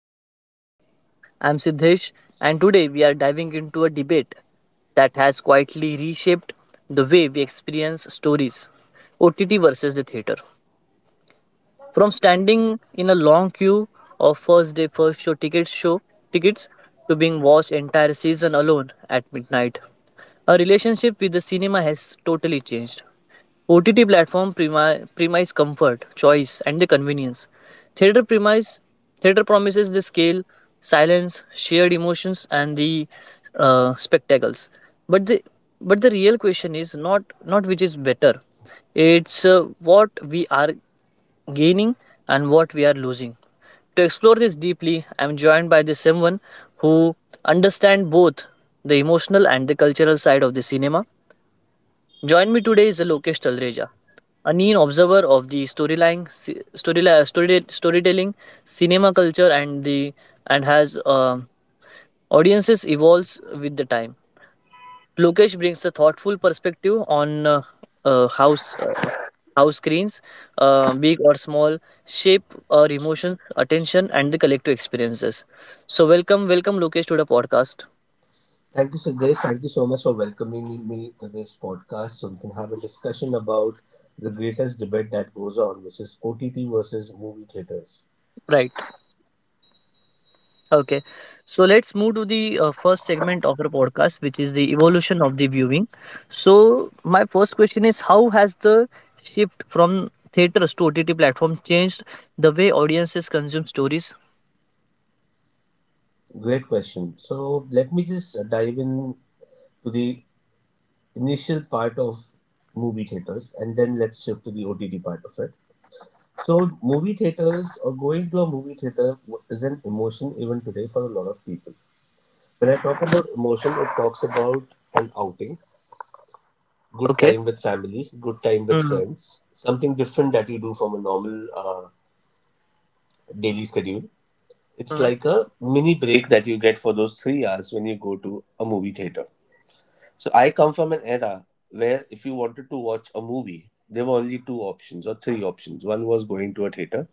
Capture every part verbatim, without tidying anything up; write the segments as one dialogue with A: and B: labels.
A: the podcast. I'm Siddhesh, and today we are diving into a debate that has quietly reshaped the way we experience stories, O T T versus the theater. From standing in a long queue of first day, first show tickets, show tickets to being watched entire season alone at midnight. Our relationship with the cinema has totally changed. O T T platform premi- premise comfort, choice, and the convenience. Theater premise theater promises the scale, silence, shared emotions, and the uh, spectacles. But the but the real question is not not which is better. It's uh, what we are gaining and what we are losing. To explore this deeply, I'm joined by the someone who understand both the emotional and the cultural side of the cinema. Join me today is Lokesh Talreja. A keen observer of the storyline, si- storyline, story, storytelling, cinema culture, and the and has uh, audiences evolves with the time. Lokesh brings a thoughtful perspective on uh, uh, how s- uh, how screens, uh, big or small, shape our emotions, attention, and the collective experiences. So welcome, welcome, Lokesh, to the podcast.
B: Thank you, Siddesh. Thank you so much for welcoming me to this podcast so we can have a discussion about the greatest debate that goes on, which is O T T versus movie theaters.
A: Right. Okay, so let's move to the uh, first segment of our podcast, which is the evolution of the viewing. So, my first question is, how has the shift from theaters to O T T platform changed the way audiences consume stories?
B: Great question. So, let me just dive in to the initial part of movie theaters and then let's shift to the O T T part of it. So, movie theaters or going to a movie theater is an emotion even today for a lot of people. When I talk about emotion, it talks about an outing, good
A: Okay.
B: time with family, good time with
A: Mm-hmm.
B: friends, something different that you do from a normal uh, daily schedule. It's like a mini break that you get for those three hours when you go to a movie theater. So I come from an era where if you wanted to watch a movie, there were only two options or three options. One was going to a theater,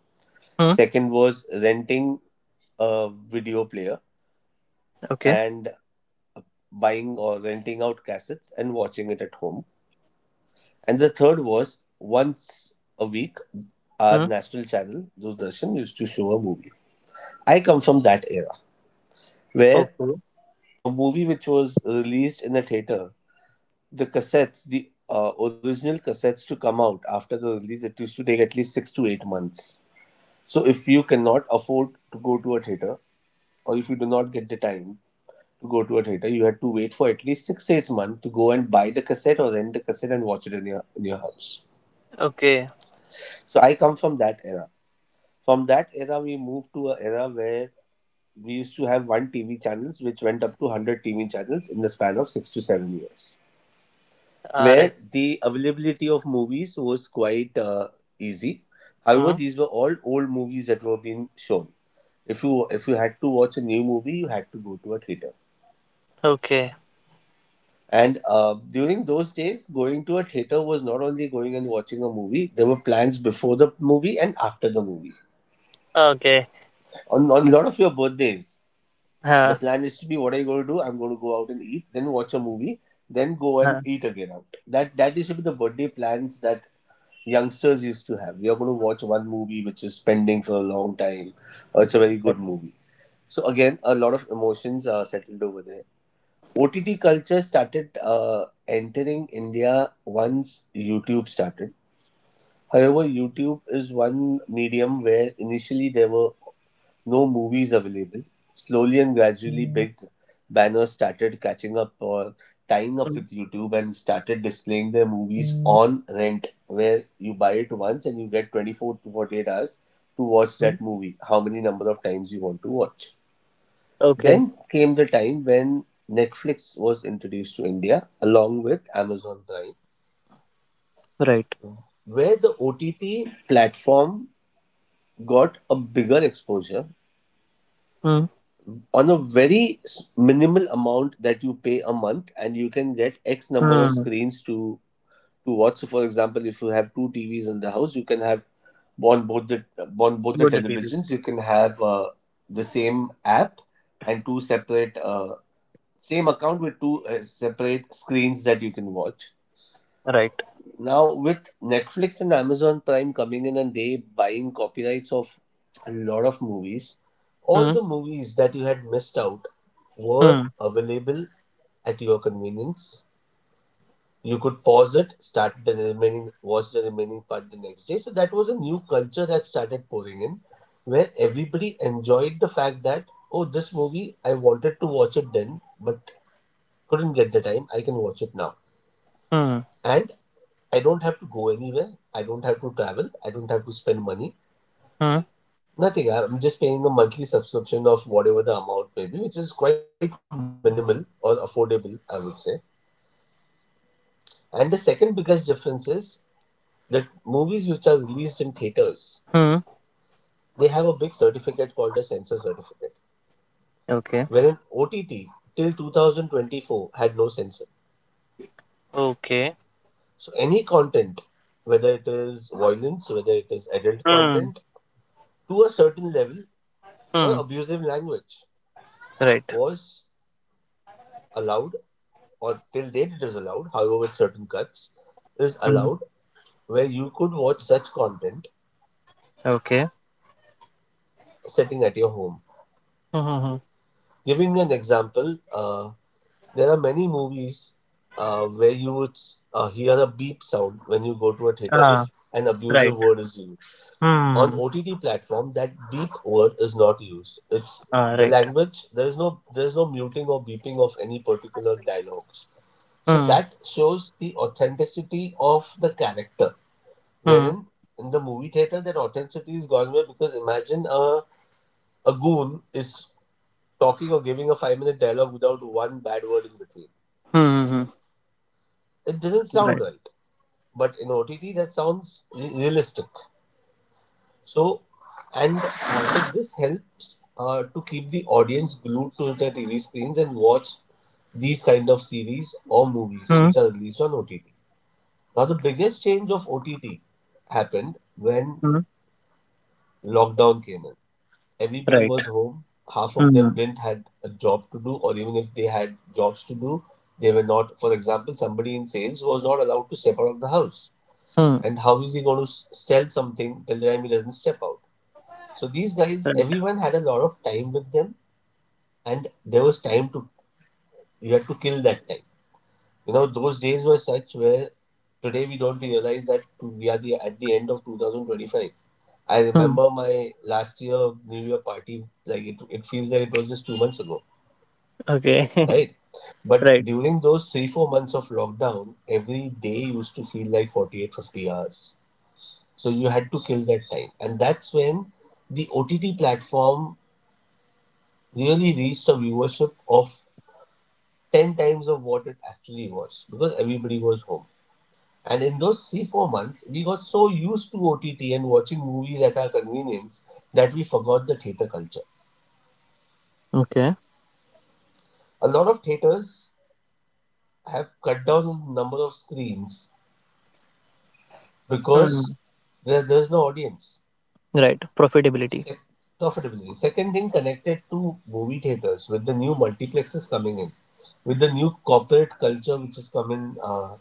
A: Mm-hmm.
B: second was renting a video player
A: Okay.
B: and buying or renting out cassettes and watching it at home. And the third was, once a week, our
A: Mm-hmm.
B: national channel, Doordarshan, used to show a movie. I come from that era where
A: Okay.
B: a movie which was released in a theater, the cassettes, the uh, original cassettes to come out after the release, it used to take at least six to eight months. So if you cannot afford to go to a theater, or if you do not get the time to go to a theater, you had to wait for at least six eight months to go and buy the cassette or rent the cassette and watch it in your in your house.
A: Okay.
B: So I come from that era. From that era, we moved to an era where we used to have one T V channels, which went up to one hundred T V channels in the span of six to seven years,
A: All
B: where
A: right.
B: the availability of movies was quite uh, easy. However,
A: Mm-hmm.
B: these were all old movies that were being shown. If you if you had to watch a new movie, you had to go to a theater.
A: Okay.
B: And uh, during those days, going to a theater was not only going and watching a movie. There were plans before the movie and after the movie.
A: Okay.
B: On on a lot of your birthdays, the
A: Uh,
B: plan is to be, what are you going to do? I'm going to go out and eat, then watch a movie, then go and
A: uh,
B: eat again out. That that used to be the birthday plans that youngsters used to have. We are going to watch one movie which is pending for a long time. Uh, it's a very
A: right.
B: good movie. So again, a lot of emotions are settled over there. O T T culture started uh, entering India once YouTube started. However, YouTube is one medium where initially there were no movies available. Slowly and gradually, big banners started catching up or tying up
A: mm,
B: with YouTube and started displaying their movies on rent, where you buy it once and you get twenty-four to forty-eight hours to watch that
A: mm.
B: movie, how many number of times you want to watch.
A: Okay.
B: Then came the time when Netflix was introduced to India along with Amazon Prime,
A: Right.
B: where the O T T platform got a bigger exposure on a very s- minimal amount that you pay a month and you can get x number of
A: Mm-hmm.
B: screens to to watch. So, for example, if you have two tvs in the house, you can have on both the on both the
A: Load the periods.
B: televisions you can have uh, the same app, and two separate, uh, same account with two uh, separate screens that you can watch.
A: Right.
B: Now with Netflix and Amazon Prime coming in and they buying copyrights of a lot of movies, all the movies that you had missed out were
A: Mm-hmm.
B: available at your convenience. You could pause it, start the remaining, watch the remaining part the next day. So that was a new culture that started pouring in, where everybody enjoyed the fact that, oh, this movie I wanted to watch it then, but couldn't get the time. I can watch it now, and I don't have to go anywhere. I don't have to travel. I don't have to spend money. Nothing. I'm just paying a monthly subscription of whatever the amount may be, which is quite minimal or affordable, I would say. And the second biggest difference is that movies which are released in theaters,
A: Mm-hmm.
B: they have a big certificate called a censor certificate.
A: Okay.
B: Wherein O T T till twenty twenty-four had no censor.
A: Okay.
B: So any content, whether it is violence, whether it is adult
A: Hmm.
B: content, to a certain level, or
A: Hmm.
B: abusive language,
A: Right.
B: was allowed, or till date it is allowed, however with certain cuts, is
A: Hmm.
B: allowed, where you could watch such content
A: Okay.
B: sitting at your home.
A: Hmm. Hmm.
B: Giving you an example, uh, there are many movies uh, where you would uh, hear a beep sound when you go to a theater
A: Ah.
B: if an abusive
A: Right.
B: word is used. On
A: Hmm.
B: O T T platform, that beep word is not used. It's
A: Ah.
B: the
A: Right.
B: language. There is no there is no muting or beeping of any particular dialogues. So
A: Hmm.
B: that shows the authenticity of the character.
A: Hmm.
B: Wherein in the movie theater that authenticity is gone away, because imagine a a goon is talking or giving a five minute dialogue without one bad word in between.
A: Hmm. Hmm. hmm.
B: It doesn't sound
A: Right.
B: right. But in O T T that sounds re- realistic. So, and uh, so this helps uh, to keep the audience glued to the T V screens and watch these kind of series or movies
A: Hmm.
B: which are released on O T T. Now, the biggest change of O T T happened when
A: Hmm.
B: lockdown came in. Everybody
A: Right.
B: was home. Half of
A: Hmm.
B: them didn't had a job to do, or even if they had jobs to do, they were not. For example, somebody in sales was not allowed to step out of the house.
A: Hmm.
B: And how is he going to s- sell something till the time he doesn't step out? So these guys,
A: Right.
B: everyone had a lot of time with them, and there was time to, you had to kill that time. You know, those days were such where today we don't realize that we are the at the end of twenty twenty-five. I
A: Hmm.
B: remember my last year New Year party, like it, it feels like it was just two months ago,
A: Okay.
B: right? But
A: Right.
B: during those three, four months of lockdown, every day used to feel like forty eight fifty hours. So you had to kill that time. And that's when the O T T platform really reached a viewership of ten times of what it actually was because everybody was home. And in those three, four months, we got so used to O T T and watching movies at our convenience that we forgot the theatre culture.
A: Okay.
B: A lot of theatres have cut down on the number of screens
A: Hmm.
B: because there, there's no audience.
A: Right. Profitability.
B: Sec- Profitability. Second thing connected to movie theatres, with the new multiplexes coming in, with the new corporate culture which is coming. uh,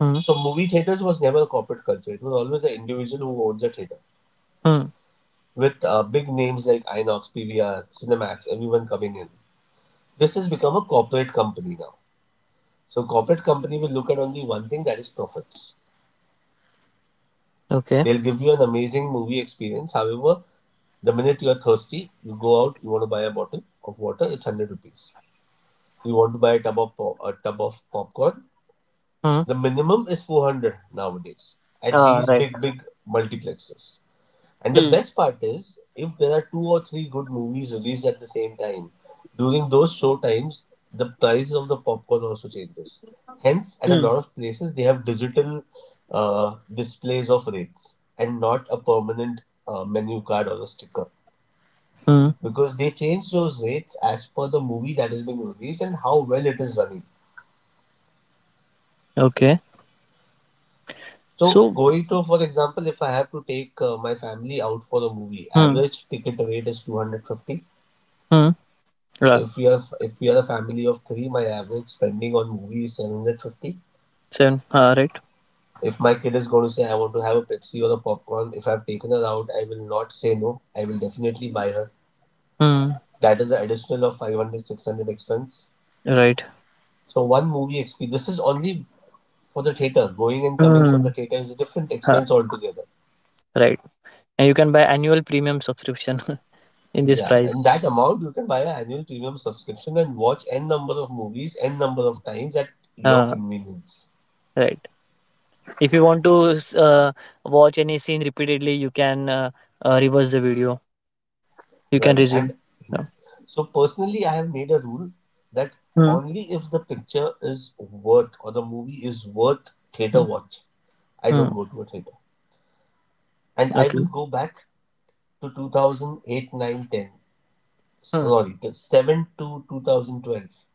A: Hmm.
B: So movie theaters was never a corporate culture. It was always an individual who owns a theater.
A: Hmm.
B: With uh, big names like Inox, P V R, Cinemax, everyone coming in. This has become a corporate company now. So corporate company will look at only one thing, that is profits.
A: Okay.
B: They'll give you an amazing movie experience. However, the minute you are thirsty, you go out, you want to buy a bottle of water, it's one hundred rupees. You want to buy a tub of, pop- a tub of popcorn,
A: Hmm.
B: the minimum is four hundred nowadays at
A: Ah.
B: these
A: Right.
B: big, big multiplexes. And the
A: Hmm.
B: best part is, if there are two or three good movies released at the same time, during those show times, the price of the popcorn also changes. Hence, at a
A: Hmm.
B: lot of places, they have digital uh, displays of rates and not a permanent uh, menu card or a sticker,
A: Hmm.
B: because they change those rates as per the movie that is being released and how well it is running.
A: Okay.
B: So,
A: So.
B: going to, for example, if I have to take uh, my family out for a movie,
A: Hmm.
B: average ticket rate is two hundred fifty.
A: Hmm.
B: So
A: Right.
B: if we are if we are a family of three, my average spending on movies is seven hundred fifty.
A: Seven. Ah. Right.
B: If my kid is going to say I want to have a Pepsi or a popcorn, if I've taken her out, I will not say no. I will definitely buy her.
A: Hmm.
B: That is an additional of five hundred six hundred expense.
A: Right.
B: So one movie experience. This is only for the theater. Going and coming
A: Hmm.
B: from the theater is a different
A: Ah.
B: expense altogether.
A: Right. And you can buy annual premium subscription in this
B: Yeah,
A: price.
B: and that amount you can buy an annual premium subscription and watch n number of movies n number of times at your
A: Uh,
B: convenience.
A: right. If you want to s- uh, watch any scene repeatedly, you can uh, uh, reverse the video. You can
B: Right.
A: resume.
B: And hmm.
A: Yeah.
B: so personally, I have made a rule that
A: Hmm.
B: only if the picture is worth, or the movie is worth theater
A: Hmm.
B: watch, I
A: hmm,
B: don't go to a theater. And I
A: Okay.
B: will go back to two thousand eight, eight, nine, ten.
A: Hmm.
B: Sorry, to seven to two thousand twelve.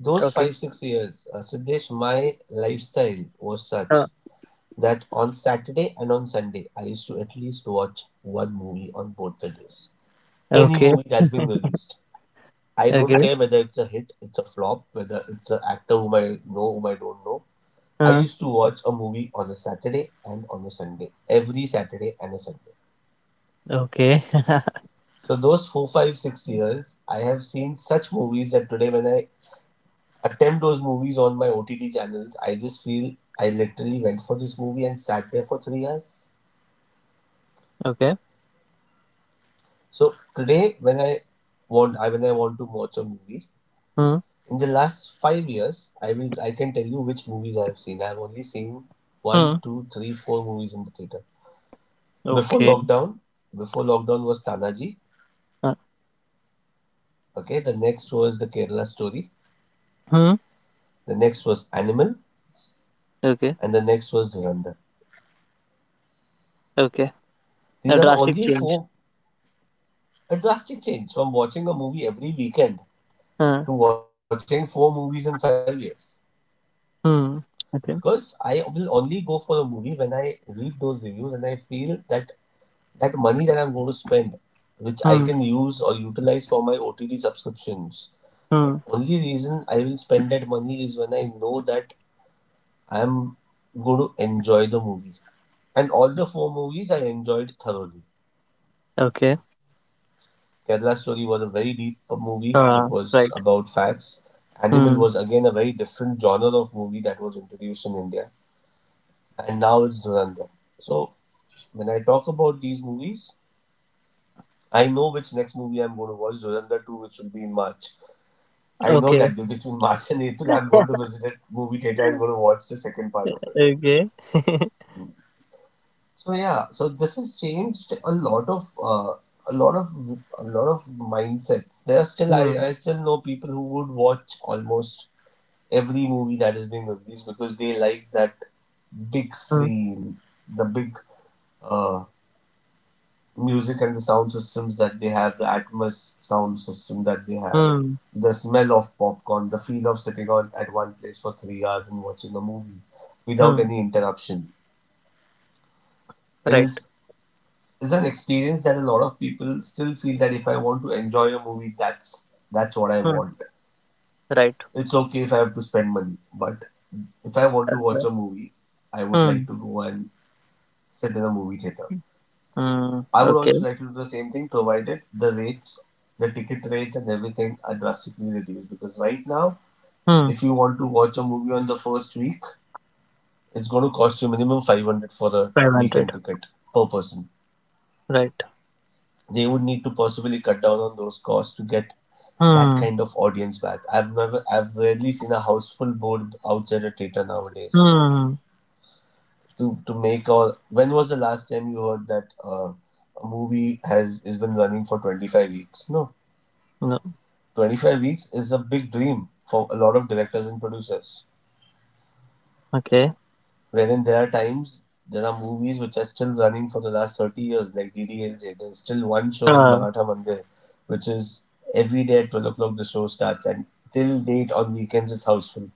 B: Those
A: Okay.
B: five, six years, uh, Siddesh, my lifestyle was such
A: Uh,
B: that on Saturday and on Sunday, I used to at least watch one movie on both the days. Any
A: okay.
B: movie that's been released. I don't
A: okay.
B: care whether it's a hit, it's a flop, whether it's an actor whom I know, whom I don't know. I
A: Uh,
B: used to watch a movie on a Saturday and on a Sunday, every Saturday and a Sunday.
A: okay.
B: So those four, five, six years, I have seen such movies that today when I attempt those movies on my O T T channels, I just feel I literally went for this movie and sat there for three hours.
A: okay.
B: So today when I want, I when I want to watch a movie,
A: Hmm.
B: in the last five years, I will I can tell you which movies I have seen. I have only seen
A: Hmm.
B: one, two, three, four movies in the theater. Before
A: Okay.
B: lockdown, before lockdown was Tanaji.
A: Uh,
B: Okay, the next was the Kerala story.
A: hmm.
B: The next was Animal,
A: Okay.
B: and the next was Durandar.
A: Okay.
B: These
A: A
B: are the
A: drastic
B: only
A: change.
B: four. A drastic change from watching a movie every weekend
A: Hmm.
B: to watching four movies in five years.
A: Hmm.
B: Because
A: Okay.
B: I will only go for a movie when I read those reviews and I feel that that money that I'm going to spend, which I
A: Hmm.
B: can use or utilize for my O T D subscriptions, the
A: Hmm.
B: only reason I will spend that money is when I know that I'm going to enjoy the movie. And all the four movies I enjoyed thoroughly.
A: Okay.
B: Kerala Story was a very deep movie,
A: Uh,
B: it
A: right.
B: was about facts. Animal
A: Hmm.
B: was again a very different genre of movie that was introduced in India, and now it's Dhurandhar. So, when I talk about these movies, I know which next movie I'm going to watch, Dhurandhar two, which will be in March. I know
A: Okay.
B: that between March and April, I'm going to visit a movie theater. I'm going to watch the second part of it.
A: Okay.
B: So yeah, so this has changed a lot of uh, a lot of a lot of mindsets. There are still, I,
A: Hmm.
B: I still know people who would watch almost every movie that is being released because they like that big
A: Hmm.
B: screen, the big uh, music and the sound systems that they have, the Atmos sound system that they have,
A: Hmm.
B: the smell of popcorn, the feel of sitting on at one place for three hours and watching a movie without
A: Hmm.
B: any interruption
A: Right.
B: is is an experience that a lot of people still feel that if I want to enjoy a movie, that's that's what I
A: Hmm.
B: want.
A: Right.
B: It's okay if I have to spend money, but if I want to watch
A: Okay.
B: a movie, I would like
A: Hmm.
B: to go and sit in a movie theater.
A: Hmm.
B: I would also
A: Okay.
B: like to do the same thing, provided the rates, the ticket rates, and everything are drastically reduced. Because right now,
A: Hmm.
B: if you want to watch a movie on the first week, it's going to cost you minimum five hundred for a
A: five hundred.
B: weekend ticket per person.
A: Right.
B: They would need to possibly cut down on those costs to get that
A: Hmm.
B: kind of audience back. I've never, I've rarely seen a house full board outside a theater nowadays.
A: Hmm.
B: To to make a, when was the last time you heard that uh, a movie has has been running for twenty-five weeks? No,
A: No.
B: twenty-five weeks is a big dream for a lot of directors and producers.
A: Okay.
B: Wherein there are times there are movies which are still running for the last thirty years, like D D L J. There's still one show in
A: Ah.
B: Maratha Mandir, which is every day at twelve o'clock the show starts, and till date on weekends it's houseful.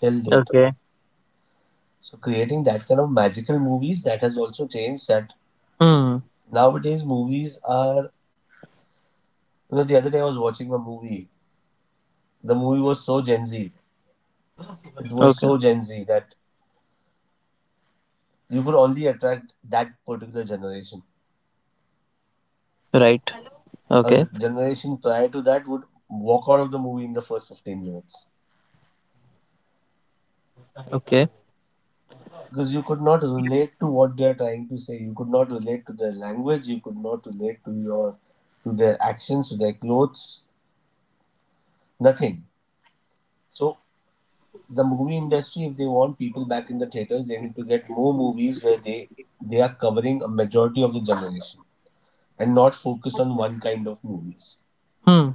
B: Till date.
A: Okay.
B: So creating that kind of magical movies that has also changed. That
A: Hmm.
B: nowadays movies are. You know, the other day I was watching a movie. The movie was so Gen Z. It was
A: Okay.
B: so Gen Z that you could only attract that particular generation.
A: Right.
B: A z-
A: Okay.
B: generation prior to that would walk out of the movie in the first fifteen minutes
A: Okay.
B: because you could not relate to what they are trying to say. You could not relate to their language. You could not relate to your to their actions, to their clothes, nothing. So the movie industry, if they want people back in the theaters, they need to get more movies where they they are covering a majority of the generation and not focus on one kind of movies.
A: Hmm.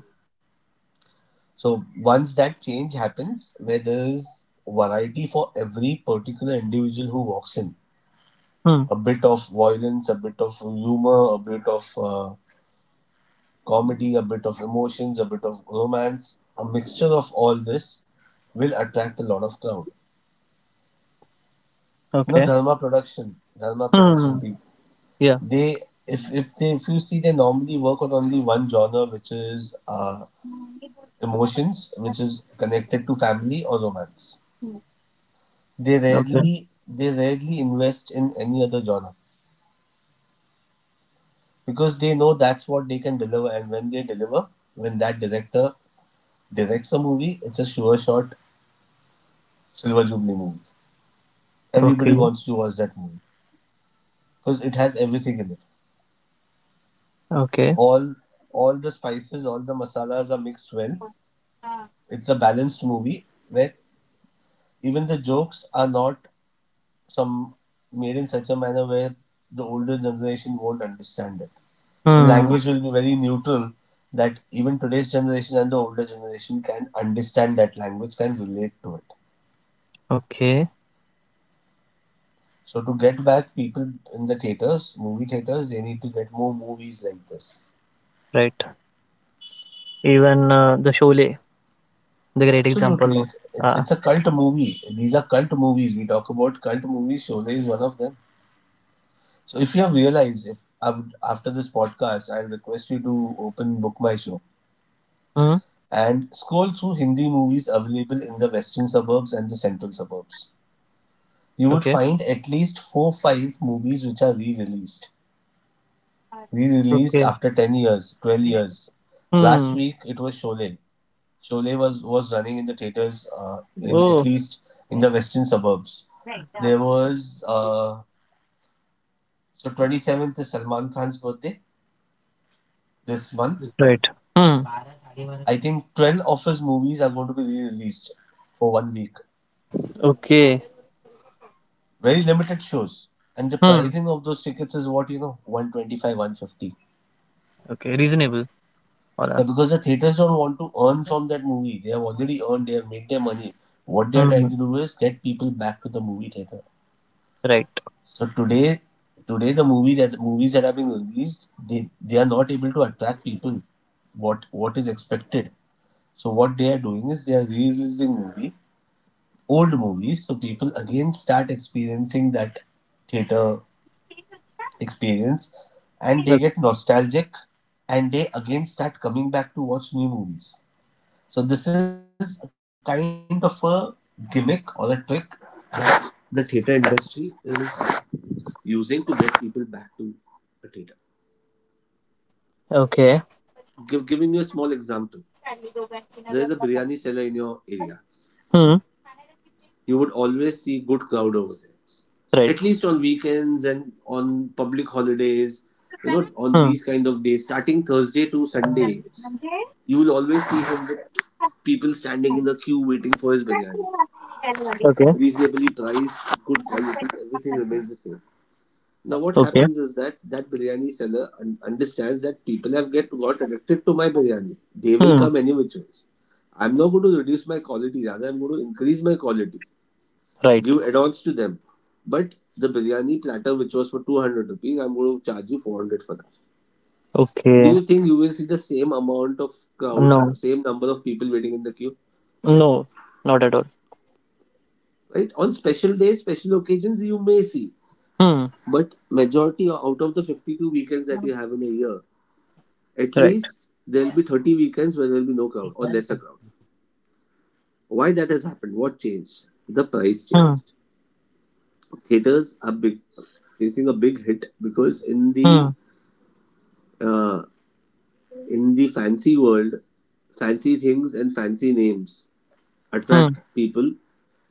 B: So once that change happens, where there is variety for every particular individual who walks in,
A: Hmm.
B: a bit of violence, a bit of humor, a bit of uh, comedy, a bit of emotions, a bit of romance, a mixture of all this will attract a lot of crowd. You know,
A: Okay.
B: Dharma production, Dharma production
A: Hmm.
B: people,
A: Yeah.
B: they if if they if you see they normally work on only one genre, which is uh, emotions, which is connected to family or romance. They
A: Okay.
B: rarely they rarely invest in any other genre because they know that's what they can deliver, and when they deliver, when that director directs a movie, it's a sure shot silver jubilee movie. Everybody
A: Okay.
B: wants to watch that movie because it has everything in it.
A: Okay.
B: All all the spices, all the masalas are mixed well. It's a balanced movie where even the jokes are not some made in such a manner where the older generation won't understand it. The
A: Hmm.
B: language will be very neutral that even today's generation and the older generation can understand that language, can relate to it.
A: Okay.
B: So to get back people in the theaters, movie theaters, they need to get more movies like this.
A: Right. Even uh, the Sholay, the great
B: Absolutely,
A: example of.
B: it's it's,
A: Uh,
B: it's a cult movie. These are cult movies. We talk about cult movies. Sholay is one of them. So if you have realized, if I would, after this podcast, I'll request you to open Book My Show
A: hmm.
B: and scroll through Hindi movies available in the western suburbs and the central suburbs. You would
A: Okay.
B: find at least four to five movies which are re released. Re released
A: Okay.
B: after ten years, twelve years. Last
A: Hmm.
B: week it was Sholay. Sholay was, was running in the theaters, uh, in at
A: Oh,
B: least in the western suburbs. There was uh, so twenty-seventh is Salman Khan's birthday this month.
A: right. Hmm.
B: I think twelve of his movies are going to be re released for one week.
A: Okay.
B: Very limited shows, and the
A: Hmm.
B: pricing of those tickets is what, you know one twenty-five one fifty.
A: Okay. Reasonable. All
B: Yeah,
A: are.
B: because the theaters don't want to earn from that movie. They have already earned. They have made their money. What they are trying
A: Hmm.
B: to do is get people back to the movie theater.
A: Right.
B: So today today the movie that movies that are being released, they they are not able to attract people, what what is expected. So what they are doing is they are releasing movie old movies, so people again start experiencing that theater experience, and they
A: Okay.
B: get nostalgic, and they again start coming back to watch new movies. So this is a kind of a gimmick or a trick that the theater industry is using to get people back to a theater.
A: okay.
B: Give, giving you a small example, there is a biryani seller in your area.
A: Hmm.
B: You would always see good crowd over there.
A: Right.
B: At least on weekends and on public holidays, you know, on
A: Hmm.
B: these kind of days, starting Thursday to Sunday, you will always see him with people standing in the queue waiting for his biryani.
A: Okay.
B: Reasonably priced, good quality, everything remains the same. Now what
A: Okay.
B: happens is that that biryani seller un- understands that people have get got addicted to my biryani. They will
A: Hmm.
B: come any which ways. I'm not going to reduce my quality, rather I'm going to increase my quality,
A: Right.
B: give add-ons to them. But the biryani platter which was for two hundred rupees, I'm going to charge you four hundred for that. Do
A: Okay.
B: you think you will see the same amount of crowd,
A: No.
B: same number of people waiting in the queue?
A: No. Not at all.
B: Right? On special days, special occasions, you may see,
A: Hmm.
B: but majority or out of the fifty-two weekends that you have in a year, at
A: Right.
B: least there'll be thirty weekends where there'll be no crowd or lesser crowd. Why that has happened? What changed? The price
A: Hmm.
B: changed. Theaters are big, facing a big hit because in
A: Hmm.
B: the uh, in the fancy world, fancy things and fancy names
A: Hmm.
B: attract people.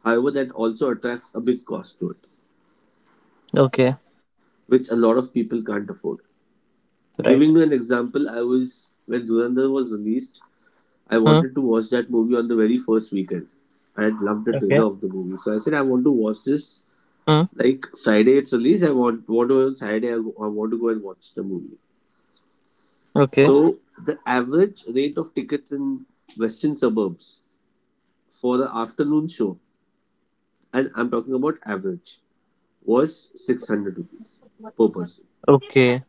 B: However, that also attracts a big cost to it,
A: Okay.
B: which a lot of people can't afford.
A: Right.
B: Giving you an example, I was when Dhurandhar was released, I
A: Hmm.
B: wanted to watch that movie on the very first weekend. I had loved the
A: Okay.
B: trailer of the movie, so I said I want to watch this.
A: Hmm.
B: Like Friday, it's released. I want want to, on Saturday. I, I want to go and watch the movie.
A: Okay.
B: So the average rate of tickets in western suburbs for the afternoon show, and I'm talking about average, was six hundred rupees per person.
A: Okay.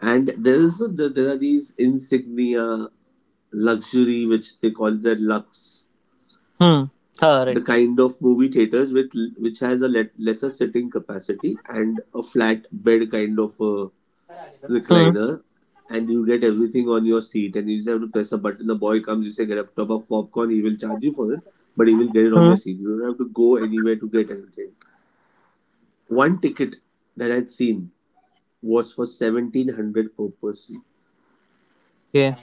B: And there is there are these insignia luxury, which they call the lux,
A: Hmm. All
B: the
A: right.
B: kind of movie theaters with which has a let, lesser sitting capacity and a flat bed kind of uh
A: Hmm.
B: recliner, and you get everything on your seat, and you just have to press a button. The boy comes, you say get a tub of popcorn, he will charge you for it, but he will get it on your
A: Hmm.
B: seat. You don't have to go anywhere to get anything. One ticket that I'd seen was for seventeen hundred per person.
A: Okay.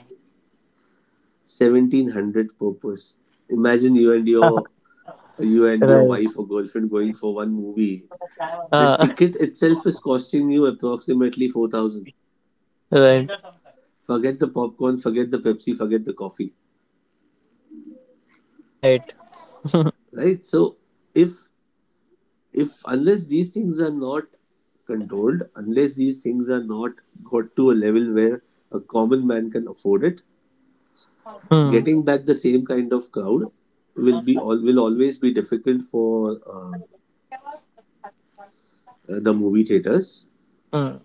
B: seventeen hundred per person. Imagine you and your you and your
A: right.
B: wife or girlfriend going for one movie. The
A: Ah,
B: ticket itself is costing you approximately four thousand.
A: right,
B: Forget the popcorn, forget the Pepsi, forget the coffee,
A: right.
B: right? So if if unless these things are not controlled, unless these things are not got to a level where a common man can afford it,
A: Hmm,
B: getting back the same kind of crowd will be all will always be difficult for uh, the movie theaters.
A: hmm,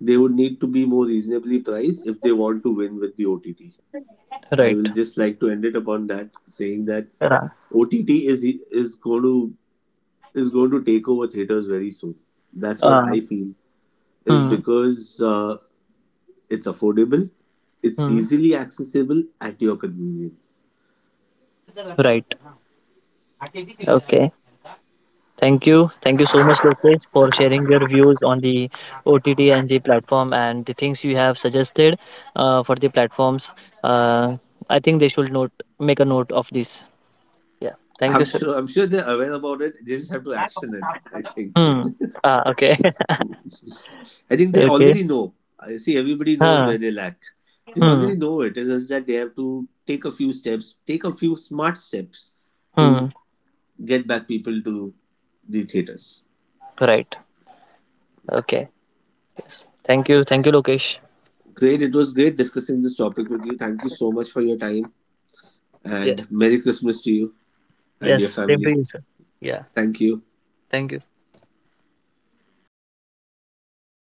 B: They would need to be more reasonably priced if they want to win with the O T T. I will
A: right.
B: just like to end it upon that, saying that
A: Ra-
B: O T T is is going to is going to take over theaters very soon. That's what
A: Ah,
B: I feel is
A: hmm,
B: because uh, it's affordable, it's
A: hmm,
B: easily accessible at your convenience.
A: right. Okay. Thank you. Thank you so much, Lokesh, for sharing your views on the O T T and the platform and the things you have suggested uh, for the platforms. Uh, I think they should note make a note of this. Yeah. Thank you,
B: I'm
A: sir.
B: sure. I'm sure they're aware about it. They just have to action it. I think.
A: Hmm. Ah, okay.
B: I think they
A: okay.
B: already know. I see. Everybody knows
A: Huh.
B: where they lack. They
A: Hmm.
B: already know it. It's just that they have to take a few steps, take a few smart steps to
A: Hmm.
B: get back people to the theaters.
A: Right. Okay. Yes. Thank you. Thank you, Lokesh.
B: Great. It was great discussing this topic with you. Thank you so much for your time
A: Yes.
B: and Merry Christmas to you and your
A: Yes, same to
B: family.
A: you, sir. Yeah,
B: Thank you.
A: thank you.